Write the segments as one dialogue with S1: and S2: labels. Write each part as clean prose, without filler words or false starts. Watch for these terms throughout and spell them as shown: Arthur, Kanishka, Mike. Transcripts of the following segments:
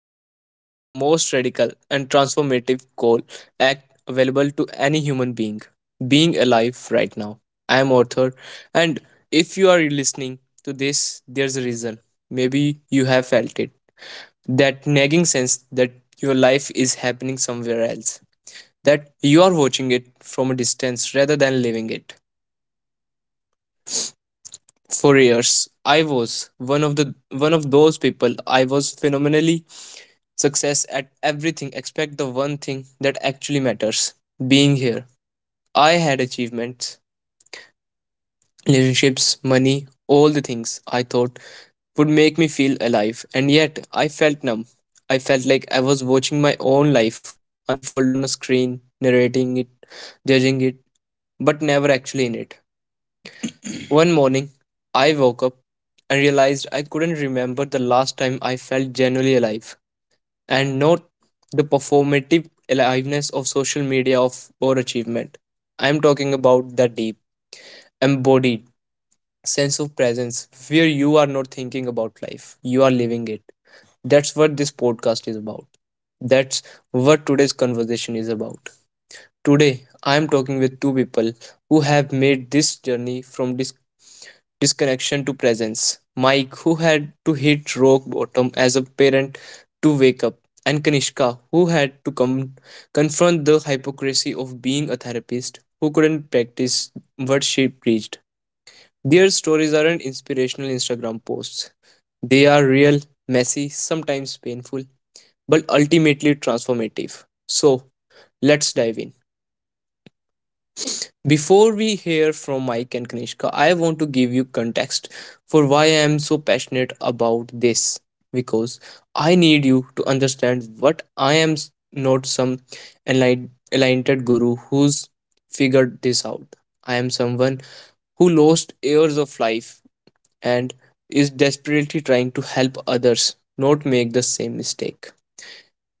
S1: where we explore the most radical and transformative goal act available to any human being being alive right now. I am Arthur, and if you are listening to this, there's a reason. Maybe you have felt it that nagging sense that your life is happening somewhere else, that you are watching it from a distance rather than living it. For years, I was one of those people. I was phenomenally success at everything except the one thing that actually matters being here. I had achievements, relationships, money, all the things I thought would make me feel alive, and yet I felt numb. I felt like I was watching my own life unfold on a screen, narrating it, judging it, but never actually in it. One morning, I woke up and realized I couldn't remember the last time I felt genuinely alive, and not the performative aliveness of social media of or achievement. I'm talking about that deep, embodied sense of presence where you are not thinking about life, you are living it. That's what this podcast is about. That's what today's conversation is about. Today, I am talking with two people who have made this journey from this disconnection to presence. Mike, who had to hit rock bottom as a parent to wake up, and Kanishka, who had to come confront the hypocrisy of being a therapist who couldn't practice what she preached. Their stories aren't inspirational Instagram posts. They are real, messy, sometimes painful, but ultimately transformative. So, let's dive in. Before we hear from Mike and Kanishka, I want to give you context for why I am so passionate about this because I need you to understand what I am not some enlightened guru who's figured this out. I am someone who lost years of life and is desperately trying to help others not make the same mistake.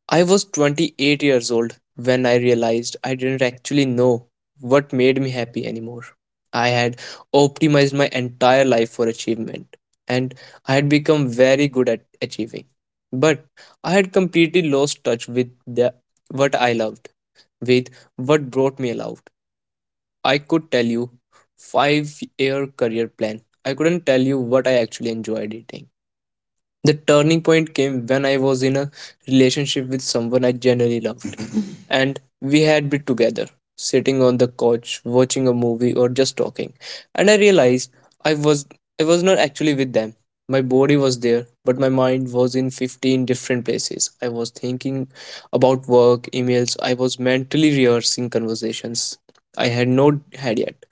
S1: I was 28 years old when I realized I didn't actually know what made me happy anymore. I had optimized my entire life for achievement and I had become very good at achieving. But I had completely lost touch with what I loved, with what brought me aloud. I could tell you 5-year career plan. I couldn't tell you what I actually enjoyed eating. The turning point came when I was in a relationship with someone I genuinely loved, and we had been together, sitting on the couch, watching a movie, or just talking. And I realized I was I was not actually with them. My body was there, but my mind was in 15 different places. I was thinking about work, emails. I was mentally rehearsing conversations I had not had yet.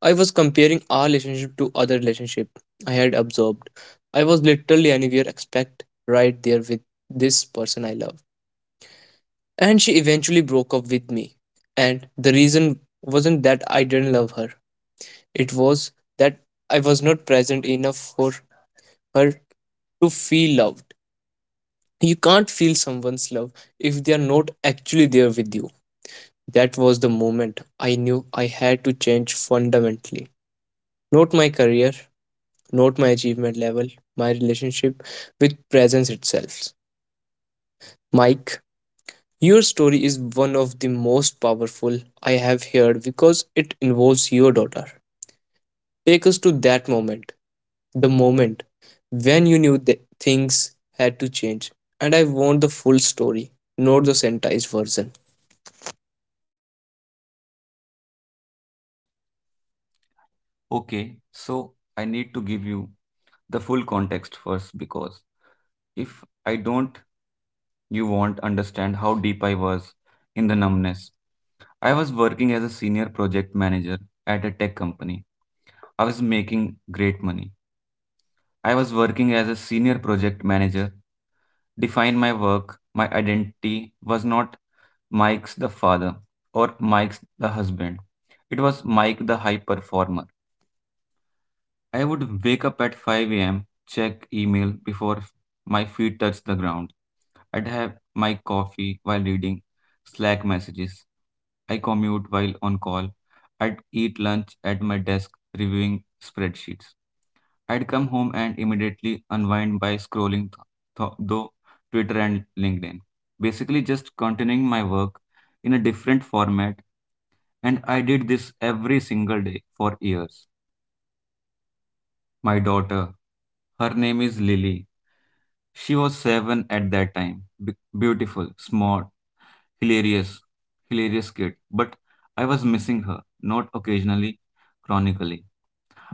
S1: I was comparing our relationship to other relationship I had observed. I was literally anywhere expect right there with this person I love. And she eventually broke up with me. And the reason wasn't that I didn't love her. It was that I was not present enough for her to feel loved. You can't feel someone's love if they are not actually there with you. That was the moment I knew I had to change fundamentally. Not my career, not my achievement level, my relationship with presence itself. Mike, your story is one of the most powerful I have heard because it involves your daughter. Take us to that moment, the moment when you knew that things had to change. And I want the full story, not the sanitized version.
S2: Okay, so I need to give you the full context first because if I don't, you won't understand how deep I was in the numbness. I was working as a senior project manager at a tech company. I was making great money. I was working as a senior project manager, defined my work, my identity was not Mike's the father or Mike's the husband. It was Mike the high performer. I would wake up at 5 a.m., check email before my feet touch the ground. I'd have my coffee while reading Slack messages. I commute while on call. I'd eat lunch at my desk reviewing spreadsheets. I'd come home and immediately unwind by scrolling though Twitter and LinkedIn. Basically, just continuing my work in a different format, and I did this every single day for years my daughter. Her name is Lily. She was seven at that time. Beautiful, smart, hilarious, hilarious kid. But I was missing her, not occasionally, chronically.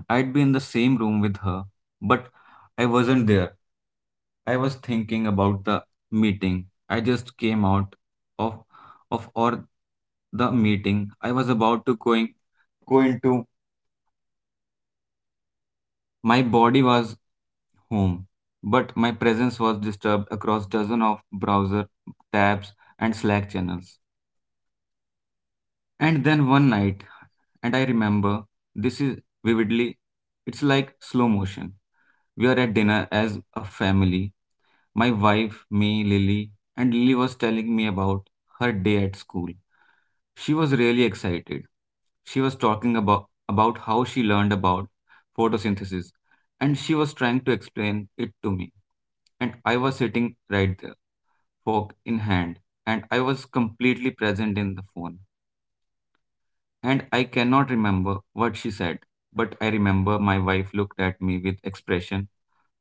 S2: I'd be in the same room with her, but I wasn't there. I was thinking about the meeting. I just came out of of or the meeting. I was about to going go into. My body was home, but my presence was disturbed across dozens of browser tabs and Slack channels. And then one night, and I remember this is vividly, it's like slow motion. We are at dinner as a family, my wife, me, Lily, and Lily was telling me about her day at school. She was really excited. She was talking about how she learned about photosynthesis, and she was trying to explain it to me. And I was sitting right there, fork in hand, and I was completely present in the phone. And I cannot remember what she said, but I remember my wife looked at me with expression,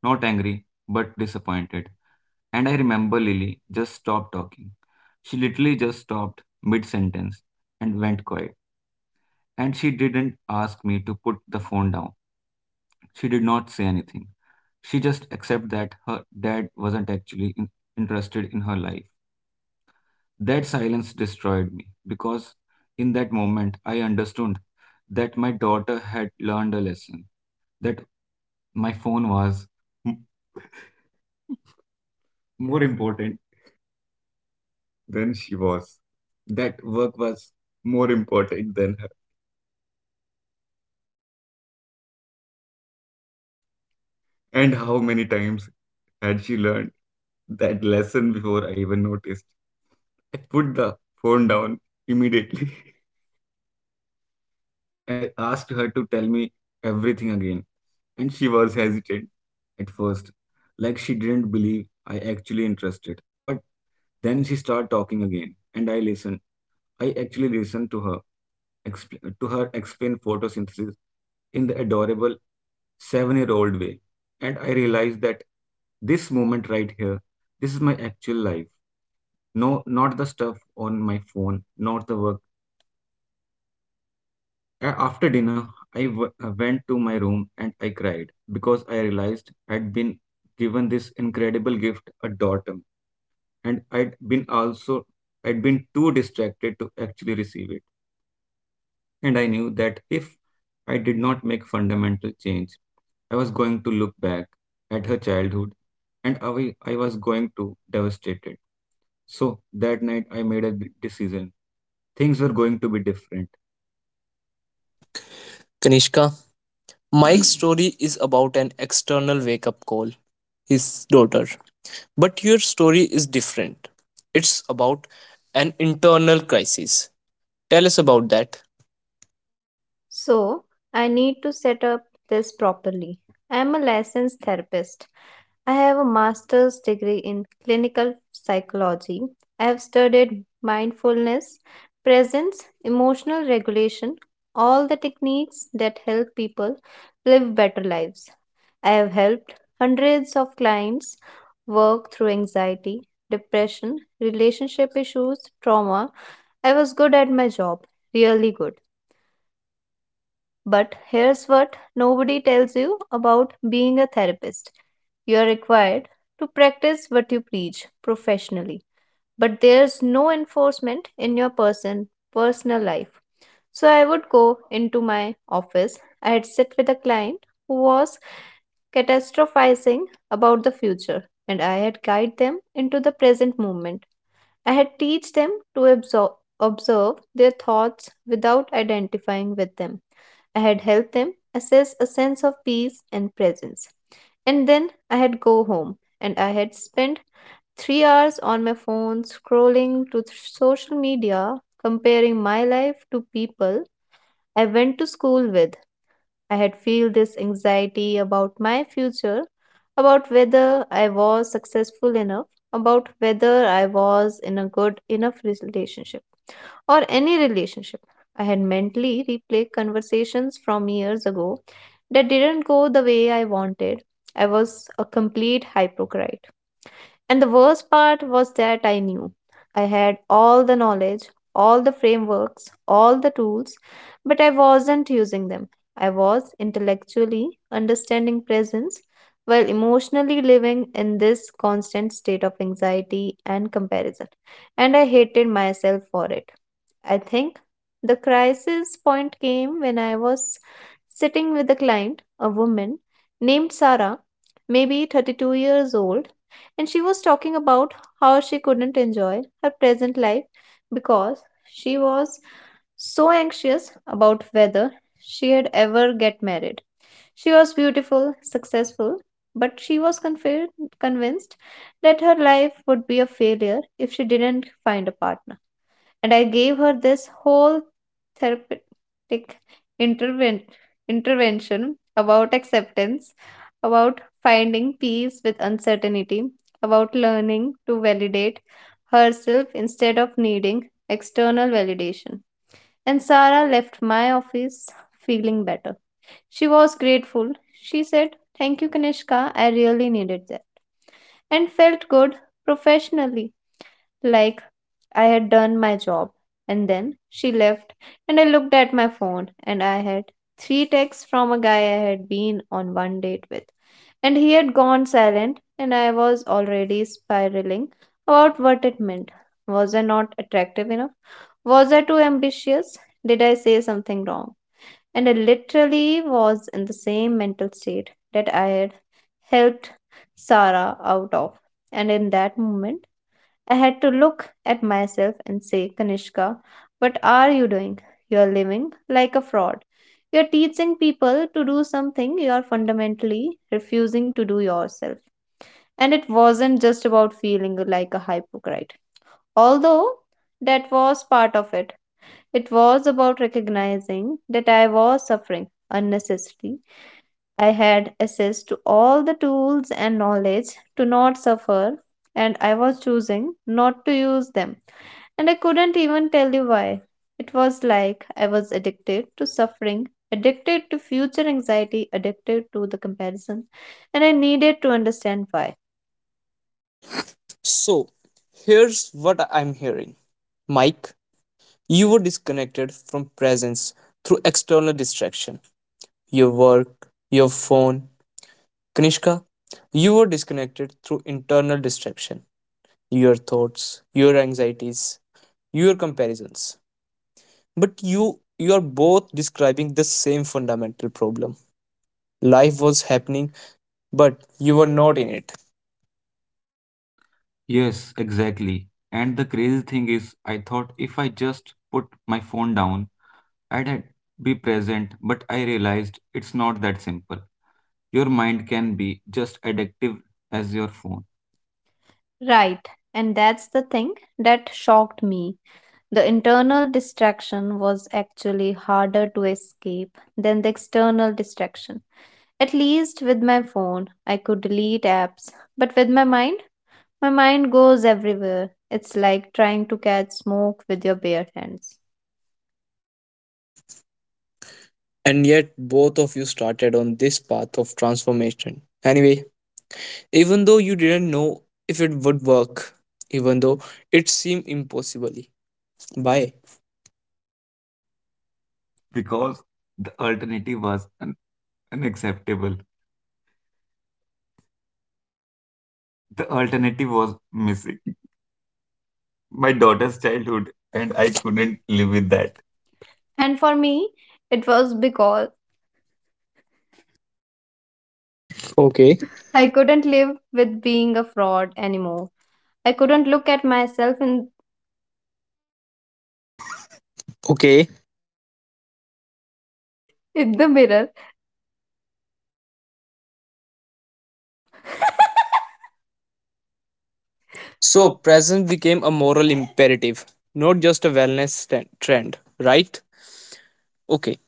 S2: not angry, but disappointed. And I remember Lily just stopped talking. She literally just stopped mid sentence and went quiet. And she didn't ask me to put the phone down. She did not say anything. She just accepted that her dad wasn't actually interested in her life. That silence destroyed me because in that moment I understood that my daughter had learned a lesson that my phone was m- more important than she was. That work was more important than her. And how many times had she learned that lesson before I even noticed? I put the phone down immediately. And I asked her to tell me everything again, and she was hesitant at first, like she didn't believe I actually interested. But then she started talking again, and I listened. I actually listened to her to her explain photosynthesis in the adorable 7-year-old way, and I realized that this moment right here, this is my actual life. No, not the stuff on my phone, not the work. After dinner, I went to my room and I cried because I realized I'd been given this incredible gift, a daughter, and I'd been too distracted to actually receive it. And I knew that if I did not make fundamental change, I was going to look back at her childhood, and I was going to devastated. So that night, I made a decision. Things were going to be different.
S1: Kanishka, Mike's story is about an external wake up call, his daughter. But your story is different. It's about an internal crisis. Tell us about that.
S2: So, I need to set up this properly. I am a licensed therapist. I have a master's degree in clinical psychology. I have studied mindfulness, presence, emotional regulation, all the techniques that help people live better lives. I have helped hundreds of clients work through anxiety, depression, relationship issues, trauma. I was good at my job, really good. But here's what nobody tells you about being a therapist: you are required to practice what you preach professionally, but there's no enforcement in your personal life. So I would go into my office. I'd sit with a client who was catastrophizing about the future, and I had guide them into the present moment. I had teach them to observe their thoughts without identifying with them. I had helped them assess a sense of peace and presence. And then I had go home and I had spent 3 hours on my phone scrolling to social media comparing my life to people I went to school with. I had feel this anxiety about my future, about whether I was successful enough, about whether I was in a good enough relationship or any relationship. I had mentally replayed conversations from years ago that didn't go the way I wanted. I was a complete hypocrite. And the worst part was that I knew. I had all the knowledge, all the frameworks, all the tools, but I wasn't using them. I was intellectually understanding presence while emotionally living in this constant state of anxiety and comparison. And I hated myself for it. I think. The crisis point came when I was sitting with a client, a woman named Sarah, maybe 32 years old, and she was talking about how she couldn't enjoy her present life because she was so anxious about whether she had ever get married. She was beautiful, successful, but she was convinced that her life would be a failure if she didn't find a partner, and I gave her this whole therapeutic interven- intervention about acceptance, about finding peace with uncertainty, about learning to validate herself instead of needing external validation. And Sarah left my office feeling better. She was grateful. She said, "Thank you, Kanishka. I really needed that." And felt good professionally, like I had done my job. And then she left, and I looked at my phone, and I had three texts from a guy I had been on one date with. And he had gone silent, and I was already spiraling about what it meant. Was I not attractive enough? Was I too ambitious? Did I say something wrong? And I literally was in the same mental state that I had helped Sarah out of. And in that moment, I had to look at myself and say, "Kanishka, what are you doing? You're living like a fraud. You're teaching people to do something you are fundamentally refusing to do yourself." And it wasn't just about feeling like a hypocrite, although that was part of it. It was about recognizing that I was suffering unnecessarily. I had access to all the tools and knowledge to not suffer, and I was choosing not to use them. And I couldn't even tell you why. It was like I was addicted to suffering, addicted to future anxiety, addicted to the comparison, and I needed to understand why.
S1: So, here's what I'm hearing. Mike, you were disconnected from presence through external distraction, your work, your phone. Kanishka, you were disconnected through internal distraction, your thoughts, your anxieties, your comparisons. But you are both describing the same fundamental problem. Life was happening, but you were not in it.
S2: Yes, exactly. And the crazy thing is, I thought if I just put my phone down, I'd had- be present, but I realized it's not that simple. Your mind can be just addictive as your phone. Right, and that's the thing that shocked me. The internal distraction was actually harder to escape than the external distraction. At least with my phone, I could delete apps, but with my mind goes everywhere. It's like trying to catch smoke with your bare hands.
S1: And yet both of you started on this path of transformation. Anyway, even though you didn't know if it would work, even though it seemed impossible. Bye.
S2: Because the alternative was unacceptable. The alternative was missing my daughter's childhood, and
S1: And I
S2: I couldn't
S1: couldn't live
S2: live
S1: with
S2: with that.
S1: that.
S2: And for me, it was because
S1: Okay.
S2: okay, I
S1: I-
S2: couldn't live with being a fraud anymore. I couldn't look at myself in,
S1: Okay.
S2: sure, in the mirror.
S1: So
S2: So,
S1: presence became a moral imperative, not just a wellness trend, right? Okay.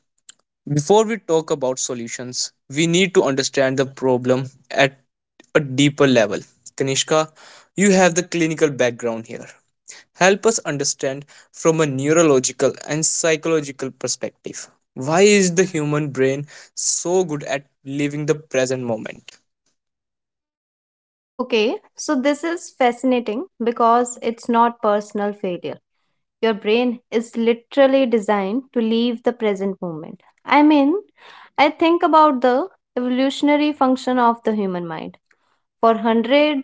S1: Before we talk about solutions, we need to understand the problem at a deeper level. Kanishka, you have the clinical background here. Help us understand from a neurological and psychological perspective, why
S2: why
S1: is
S2: is
S1: the
S2: the,
S1: human brain so good at living the present moment?
S2: okay, so this is fascinating because it's not personal failure. Your brain is literally designed to leave the present moment. I mean, I think about the evolutionary function of the human mind. For hundreds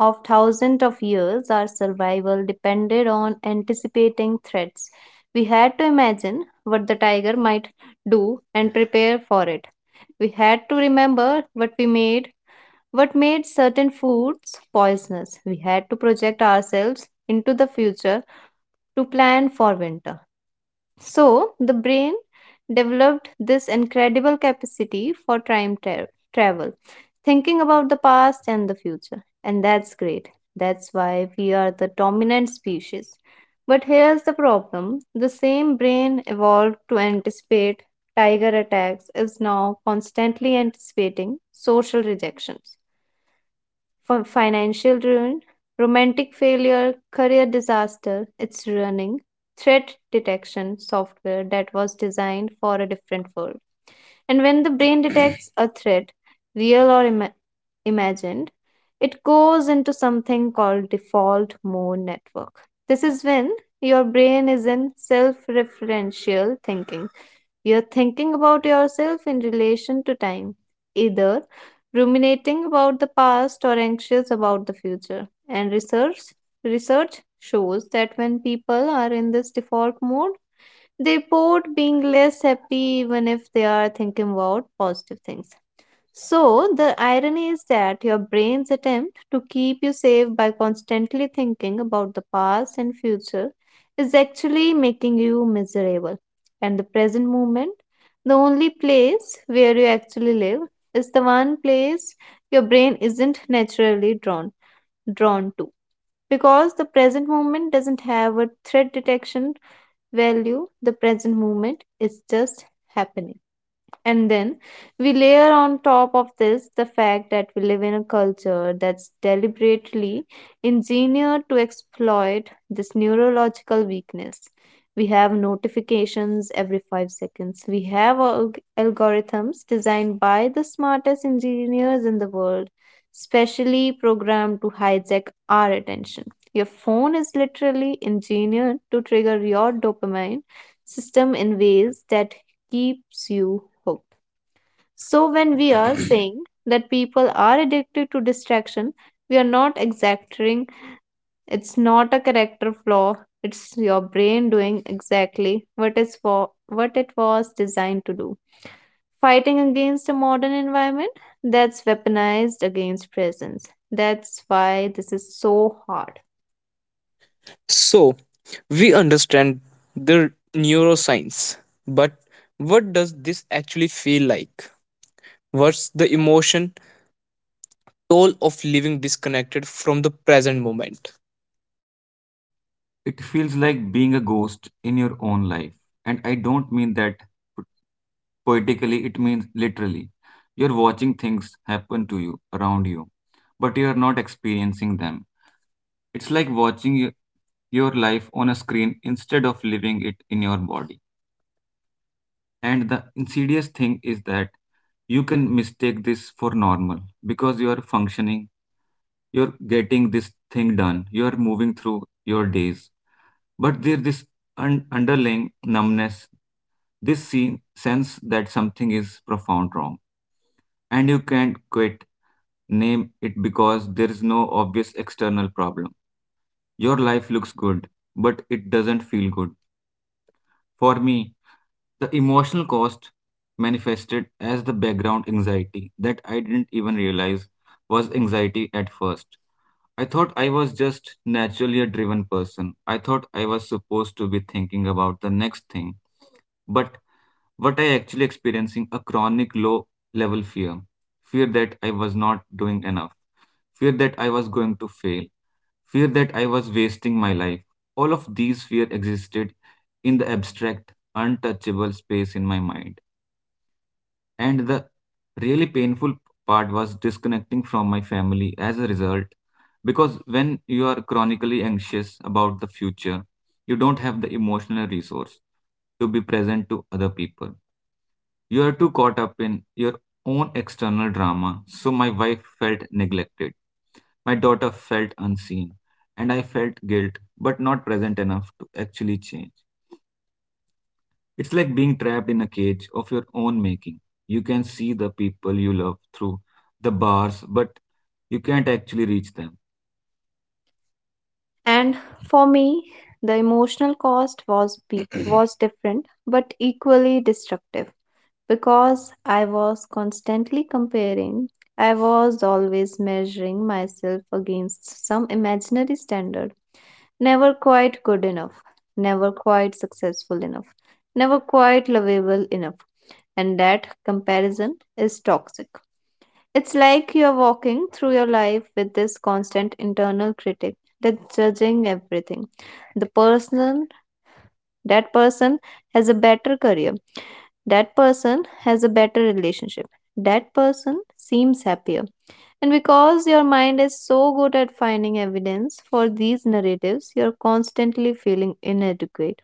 S2: of thousands of years, our survival depended on anticipating threats. We had to imagine what the tiger might do and prepare for it. We had to remember what we made, what made certain foods poisonous. We had to project ourselves into the future to plan for winter. So, the brain developed this incredible capacity for time travel, thinking about the past and the future. And that's great. That's why we are the dominant species. But here's the problem: the same brain evolved to anticipate tiger attacks is now constantly anticipating social rejections, financial ruin, romantic failure, career disaster. It's running threat detection software that was designed for a different world. And when the brain detects a threat, real or imagined, it goes into something called default mode network. This is when your brain is in self referential thinking. You're thinking about yourself in relation to time, either ruminating about the past or anxious about the future. And research shows that when people are in this default mode, they report being less happy even if they are thinking about positive things. So, the irony is that your brain's attempt to keep you safe by constantly thinking about the past and future is actually making you miserable. And the present moment, the only place where you actually live, is the one place your brain isn't naturally drawn to because the present moment doesn't have a threat detection value. The present moment is just happening. And then we layer on top of this the fact that we live in a culture that's deliberately engineered to exploit this neurological weakness. We have notifications every 5 seconds. We have algorithms designed by the smartest engineers in the world, specially programmed to hijack our attention. Your phone is literally engineered to trigger your dopamine system in ways that keeps you hook. So, when we are saying that people are addicted to distraction, we are not exaggerating. It's not a character flaw. It's your brain doing exactly what is for what it was designed to do. Fighting against a modern environment that's weaponized against presence. That's why this is so hard.
S1: So we understand the neuroscience, but what does this actually feel like? What's the emotion toll of living disconnected from the present moment?
S2: It feels like being a ghost in your own life. And I don't mean that poetically, it means literally. You're watching things happen to you, around you, but you're not experiencing them. It's like watching your life on a screen instead of living it in your body. And the insidious thing is that you can mistake this for normal because you are functioning, you're getting this thing done, you're moving through your days. But there's this underlying numbness, this sense that something is profound wrong. And you can't name it because there is no obvious external problem. Your life looks good, but it doesn't feel good. For me, the emotional cost manifested as the background anxiety that I didn't even realize was anxiety at first. I thought I was just naturally a driven person. I thought I was supposed to be thinking about the next thing. But what I actually experiencing a chronic low level fear. Fear that I was not doing enough. Fear that I was going to fail. Fear that I was wasting my life. All of these fear existed in the abstract, untouchable space in my mind. And the really painful part was disconnecting from my family as a result, because when you are chronically anxious about the future, you don't have the emotional resource to be present to other people. You are too caught up in your own external drama. So my wife felt neglected. My daughter felt unseen. And I felt guilt, but not present enough to actually change. It's like being trapped in a cage of your own making. You can see the people you love through the bars, but you can't actually reach them. And for me, the emotional cost was was different but equally destructive because I was constantly comparing. I was always measuring myself against some imaginary standard, never quite good enough, never quite successful enough, never quite lovable enough, and that comparison is toxic. It's like you're walking through your life with this constant internal critic that's judging everything. The person, that person has a better career. That person has a better relationship. That person seems happier. And because your mind is so good at finding evidence for these narratives, you're constantly feeling inadequate.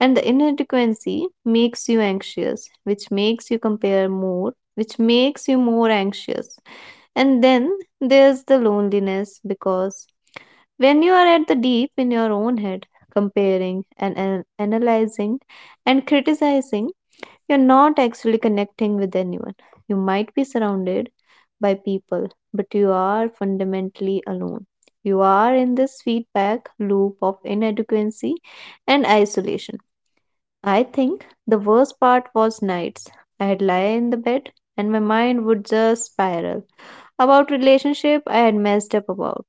S2: And the inadequacy makes you anxious, which makes you compare more, which makes you more anxious. And then there's the loneliness, because when you are at the deep in your own head, comparing and analyzing and criticizing, you're not actually connecting with anyone. You might be surrounded by people, but you are fundamentally alone. You are in this feedback loop of inadequacy and isolation. I think the worst part was nights. I'd lie in the bed and my mind would just spiral. About relationship I had messed up about.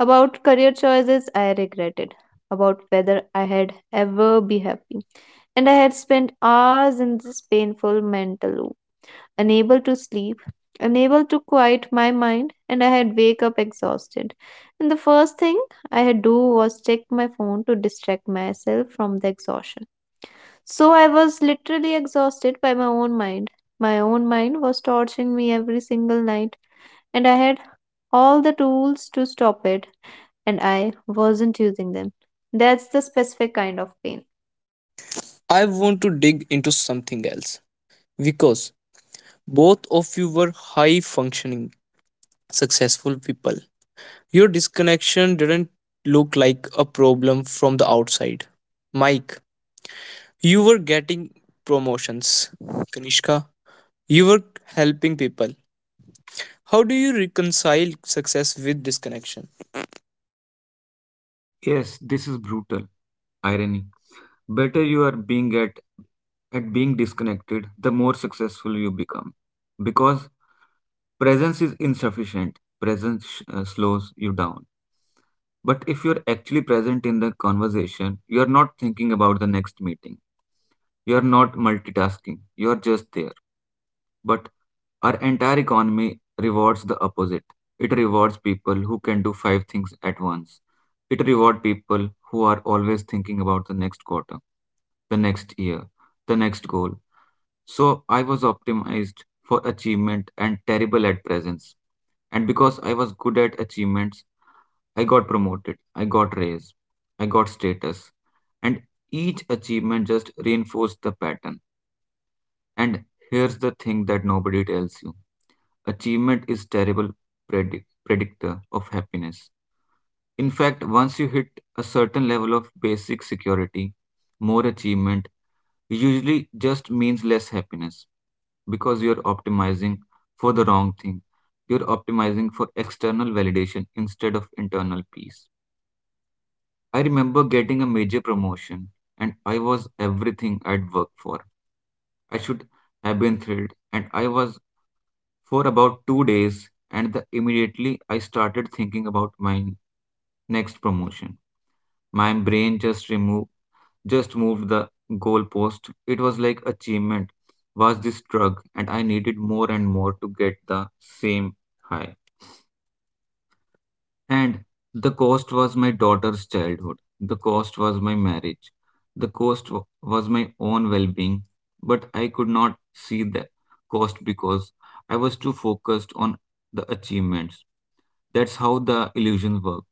S2: About career choices I regretted. About whether I had ever be happy. And I had spent hours in this painful mental loop, unable to sleep, unable to quiet my mind, and I had wake up exhausted. And the first thing I had do was check my phone to distract myself from the exhaustion. So I was literally exhausted by my own mind. My own mind was torturing me every single night, and I had all the tools to stop it, and I wasn't using them. That's the specific kind of pain.
S1: I want to dig into something else because both of you were high functioning successful people. Your disconnection didn't look like a problem from the outside. Mike, you were getting promotions. Kanishka, you were helping people. How do you reconcile success with disconnection?
S2: Yes, this is brutal, irony. Better you are being at being disconnected, the more successful you become. Because presence is insufficient. Presence slows you down. But if you're actually present in the conversation, you're not thinking about the next meeting. You're not multitasking. You're just there. But our entire economy rewards the opposite. It rewards people who can do five things at once. It rewards people who are always thinking about the next quarter, the next year, the next goal. So I was optimized for achievement and terrible at presence. And because I was good at achievements, I got promoted, I got raise, I got status, and each achievement just reinforced the pattern. And here's the thing that nobody tells you. Achievement is terrible predictor of happiness. In fact, once you hit a certain level of basic security, more achievement usually just means less happiness because you're optimizing for the wrong thing. You're optimizing for external validation instead of internal peace. I remember getting a major promotion, and I was everything I'd worked for. I should have been thrilled, and I was for about 2 days, and immediately I started thinking about my next promotion. My brain just moved the goalpost. It was like achievement was this drug, and I needed more and more to get the same high. And the cost was my daughter's childhood. The cost was my marriage. The cost was my own well being. But I could not see the cost because I was too focused on the achievements. That's how the illusion works.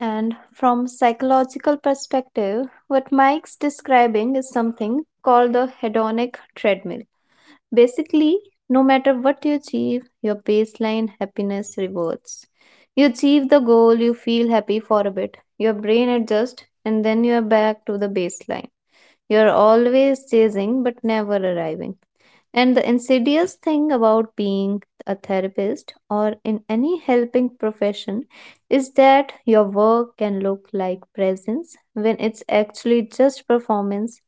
S2: And from psychological perspective, what Mike's describing is something called the hedonic treadmill. Basically, no matter what you achieve, your baseline happiness rewards. You achieve the goal, you feel happy for a bit, your brain adjusts, and then you're back to the baseline. You're always chasing but never arriving. And the insidious thing about being a therapist or in any helping profession is that your work can look like presence when it's actually just performance.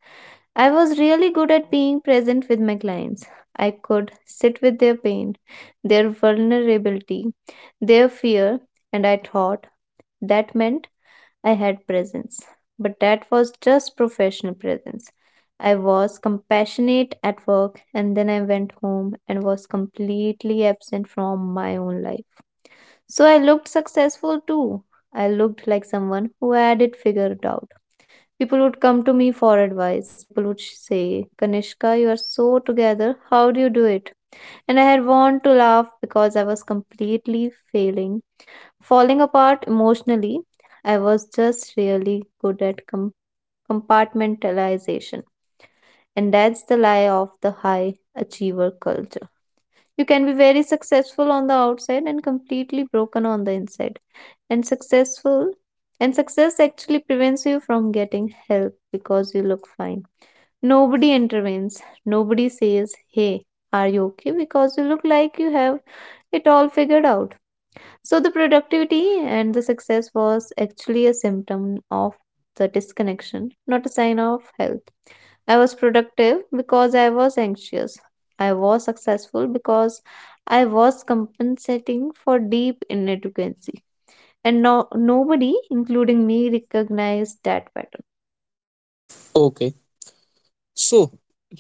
S2: I was really good at being present with my clients. I could sit with their pain, their vulnerability, their fear, and I thought that meant I had presence, but that was just professional presence. I was compassionate at work and then I went home and was completely absent from my own life. So I looked successful too. I looked like someone who had it figured out. People would come to me for advice. People would say, "Kanishka, you are so together. How do you do it?" And I had want to laugh because I was completely failing, falling apart emotionally. I was just really good at compartmentalization. And that's the lie of the high achiever culture. You can be very successful on the outside and completely broken on the inside. And successful and success actually prevents you from getting help because you look fine. Nobody intervenes. Nobody says, "Hey, are you okay?" Because you look like you have it all figured out. So the productivity and the success was actually a symptom of the disconnection, not a sign of health. I was productive because I was anxious. I was successful because I was compensating for deep inadequacy. And no, nobody, including me, recognized that pattern.
S1: Okay, so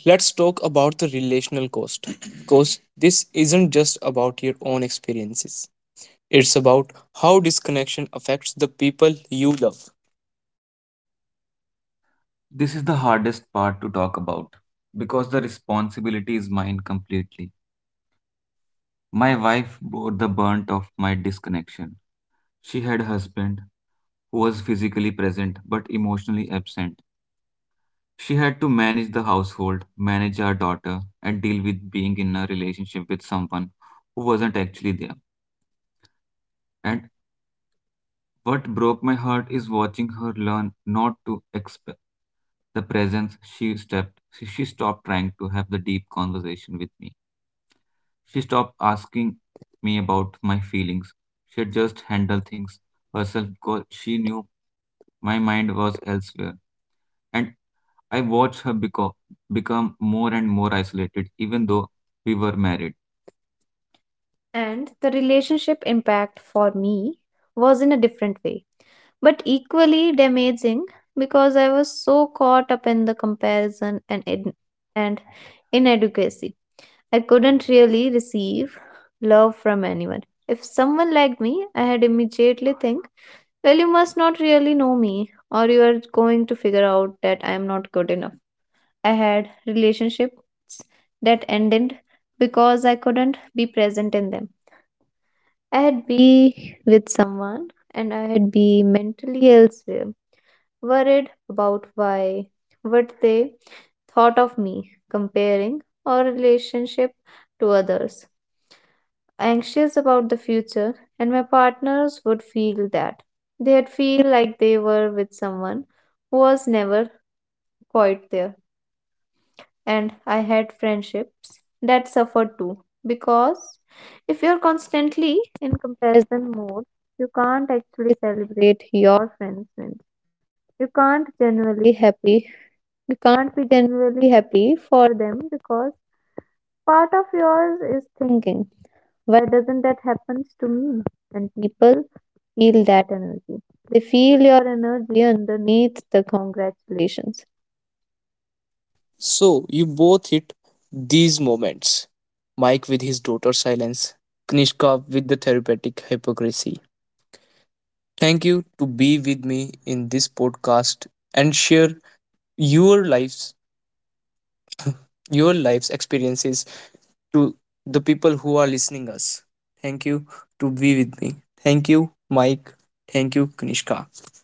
S1: let's talk about the relational cost because this isn't just about your own experiences, it's about how disconnection affects the people you love.
S2: This is the hardest part to talk about because the responsibility is mine completely. My wife bore the brunt of my disconnection. She had a husband who was physically present but emotionally absent. She had to manage the household, manage our daughter, and deal with being in a relationship with someone who wasn't actually there. And what broke my heart is watching her learn not to expect the presence she stepped she stopped trying to have the deep conversation with me. She stopped asking me about my feelings. She just handled things herself because she knew my mind was elsewhere. And I watched her become more and more isolated, even though we were married. And the relationship impact for me was in a different way, but equally damaging because I was so caught up in the comparison and in, and inadequacy. I couldn't really receive love from anyone. If someone liked me, I had immediately think, well, you must not really know me, or you are going to figure out that I am not good enough. I had relationships that ended because I couldn't be present in them. I had be with someone and I had be mentally elsewhere, worried about why, what they thought of me, comparing our relationship to others, anxious about the future, and my partners would feel that. They'd feel like they were with someone who was never quite there. And I had friendships that suffered too, because if you're constantly in comparison mode, you can't actually celebrate your friends' wins. You can't genuinely happy you can't be genuinely happy for them because part of yours is thinking, why doesn't that happen to me? And people feel that energy. They feel your energy underneath the congratulations.
S1: So you both hit these moments. Mike with his daughter's silence, Knishka with the therapeutic hypocrisy. Thank you to be with me in this podcast and share your lives, your life's experiences to the people who are listening us. Thank you to be with me. Thank you, Mike. Thank you, Knishka.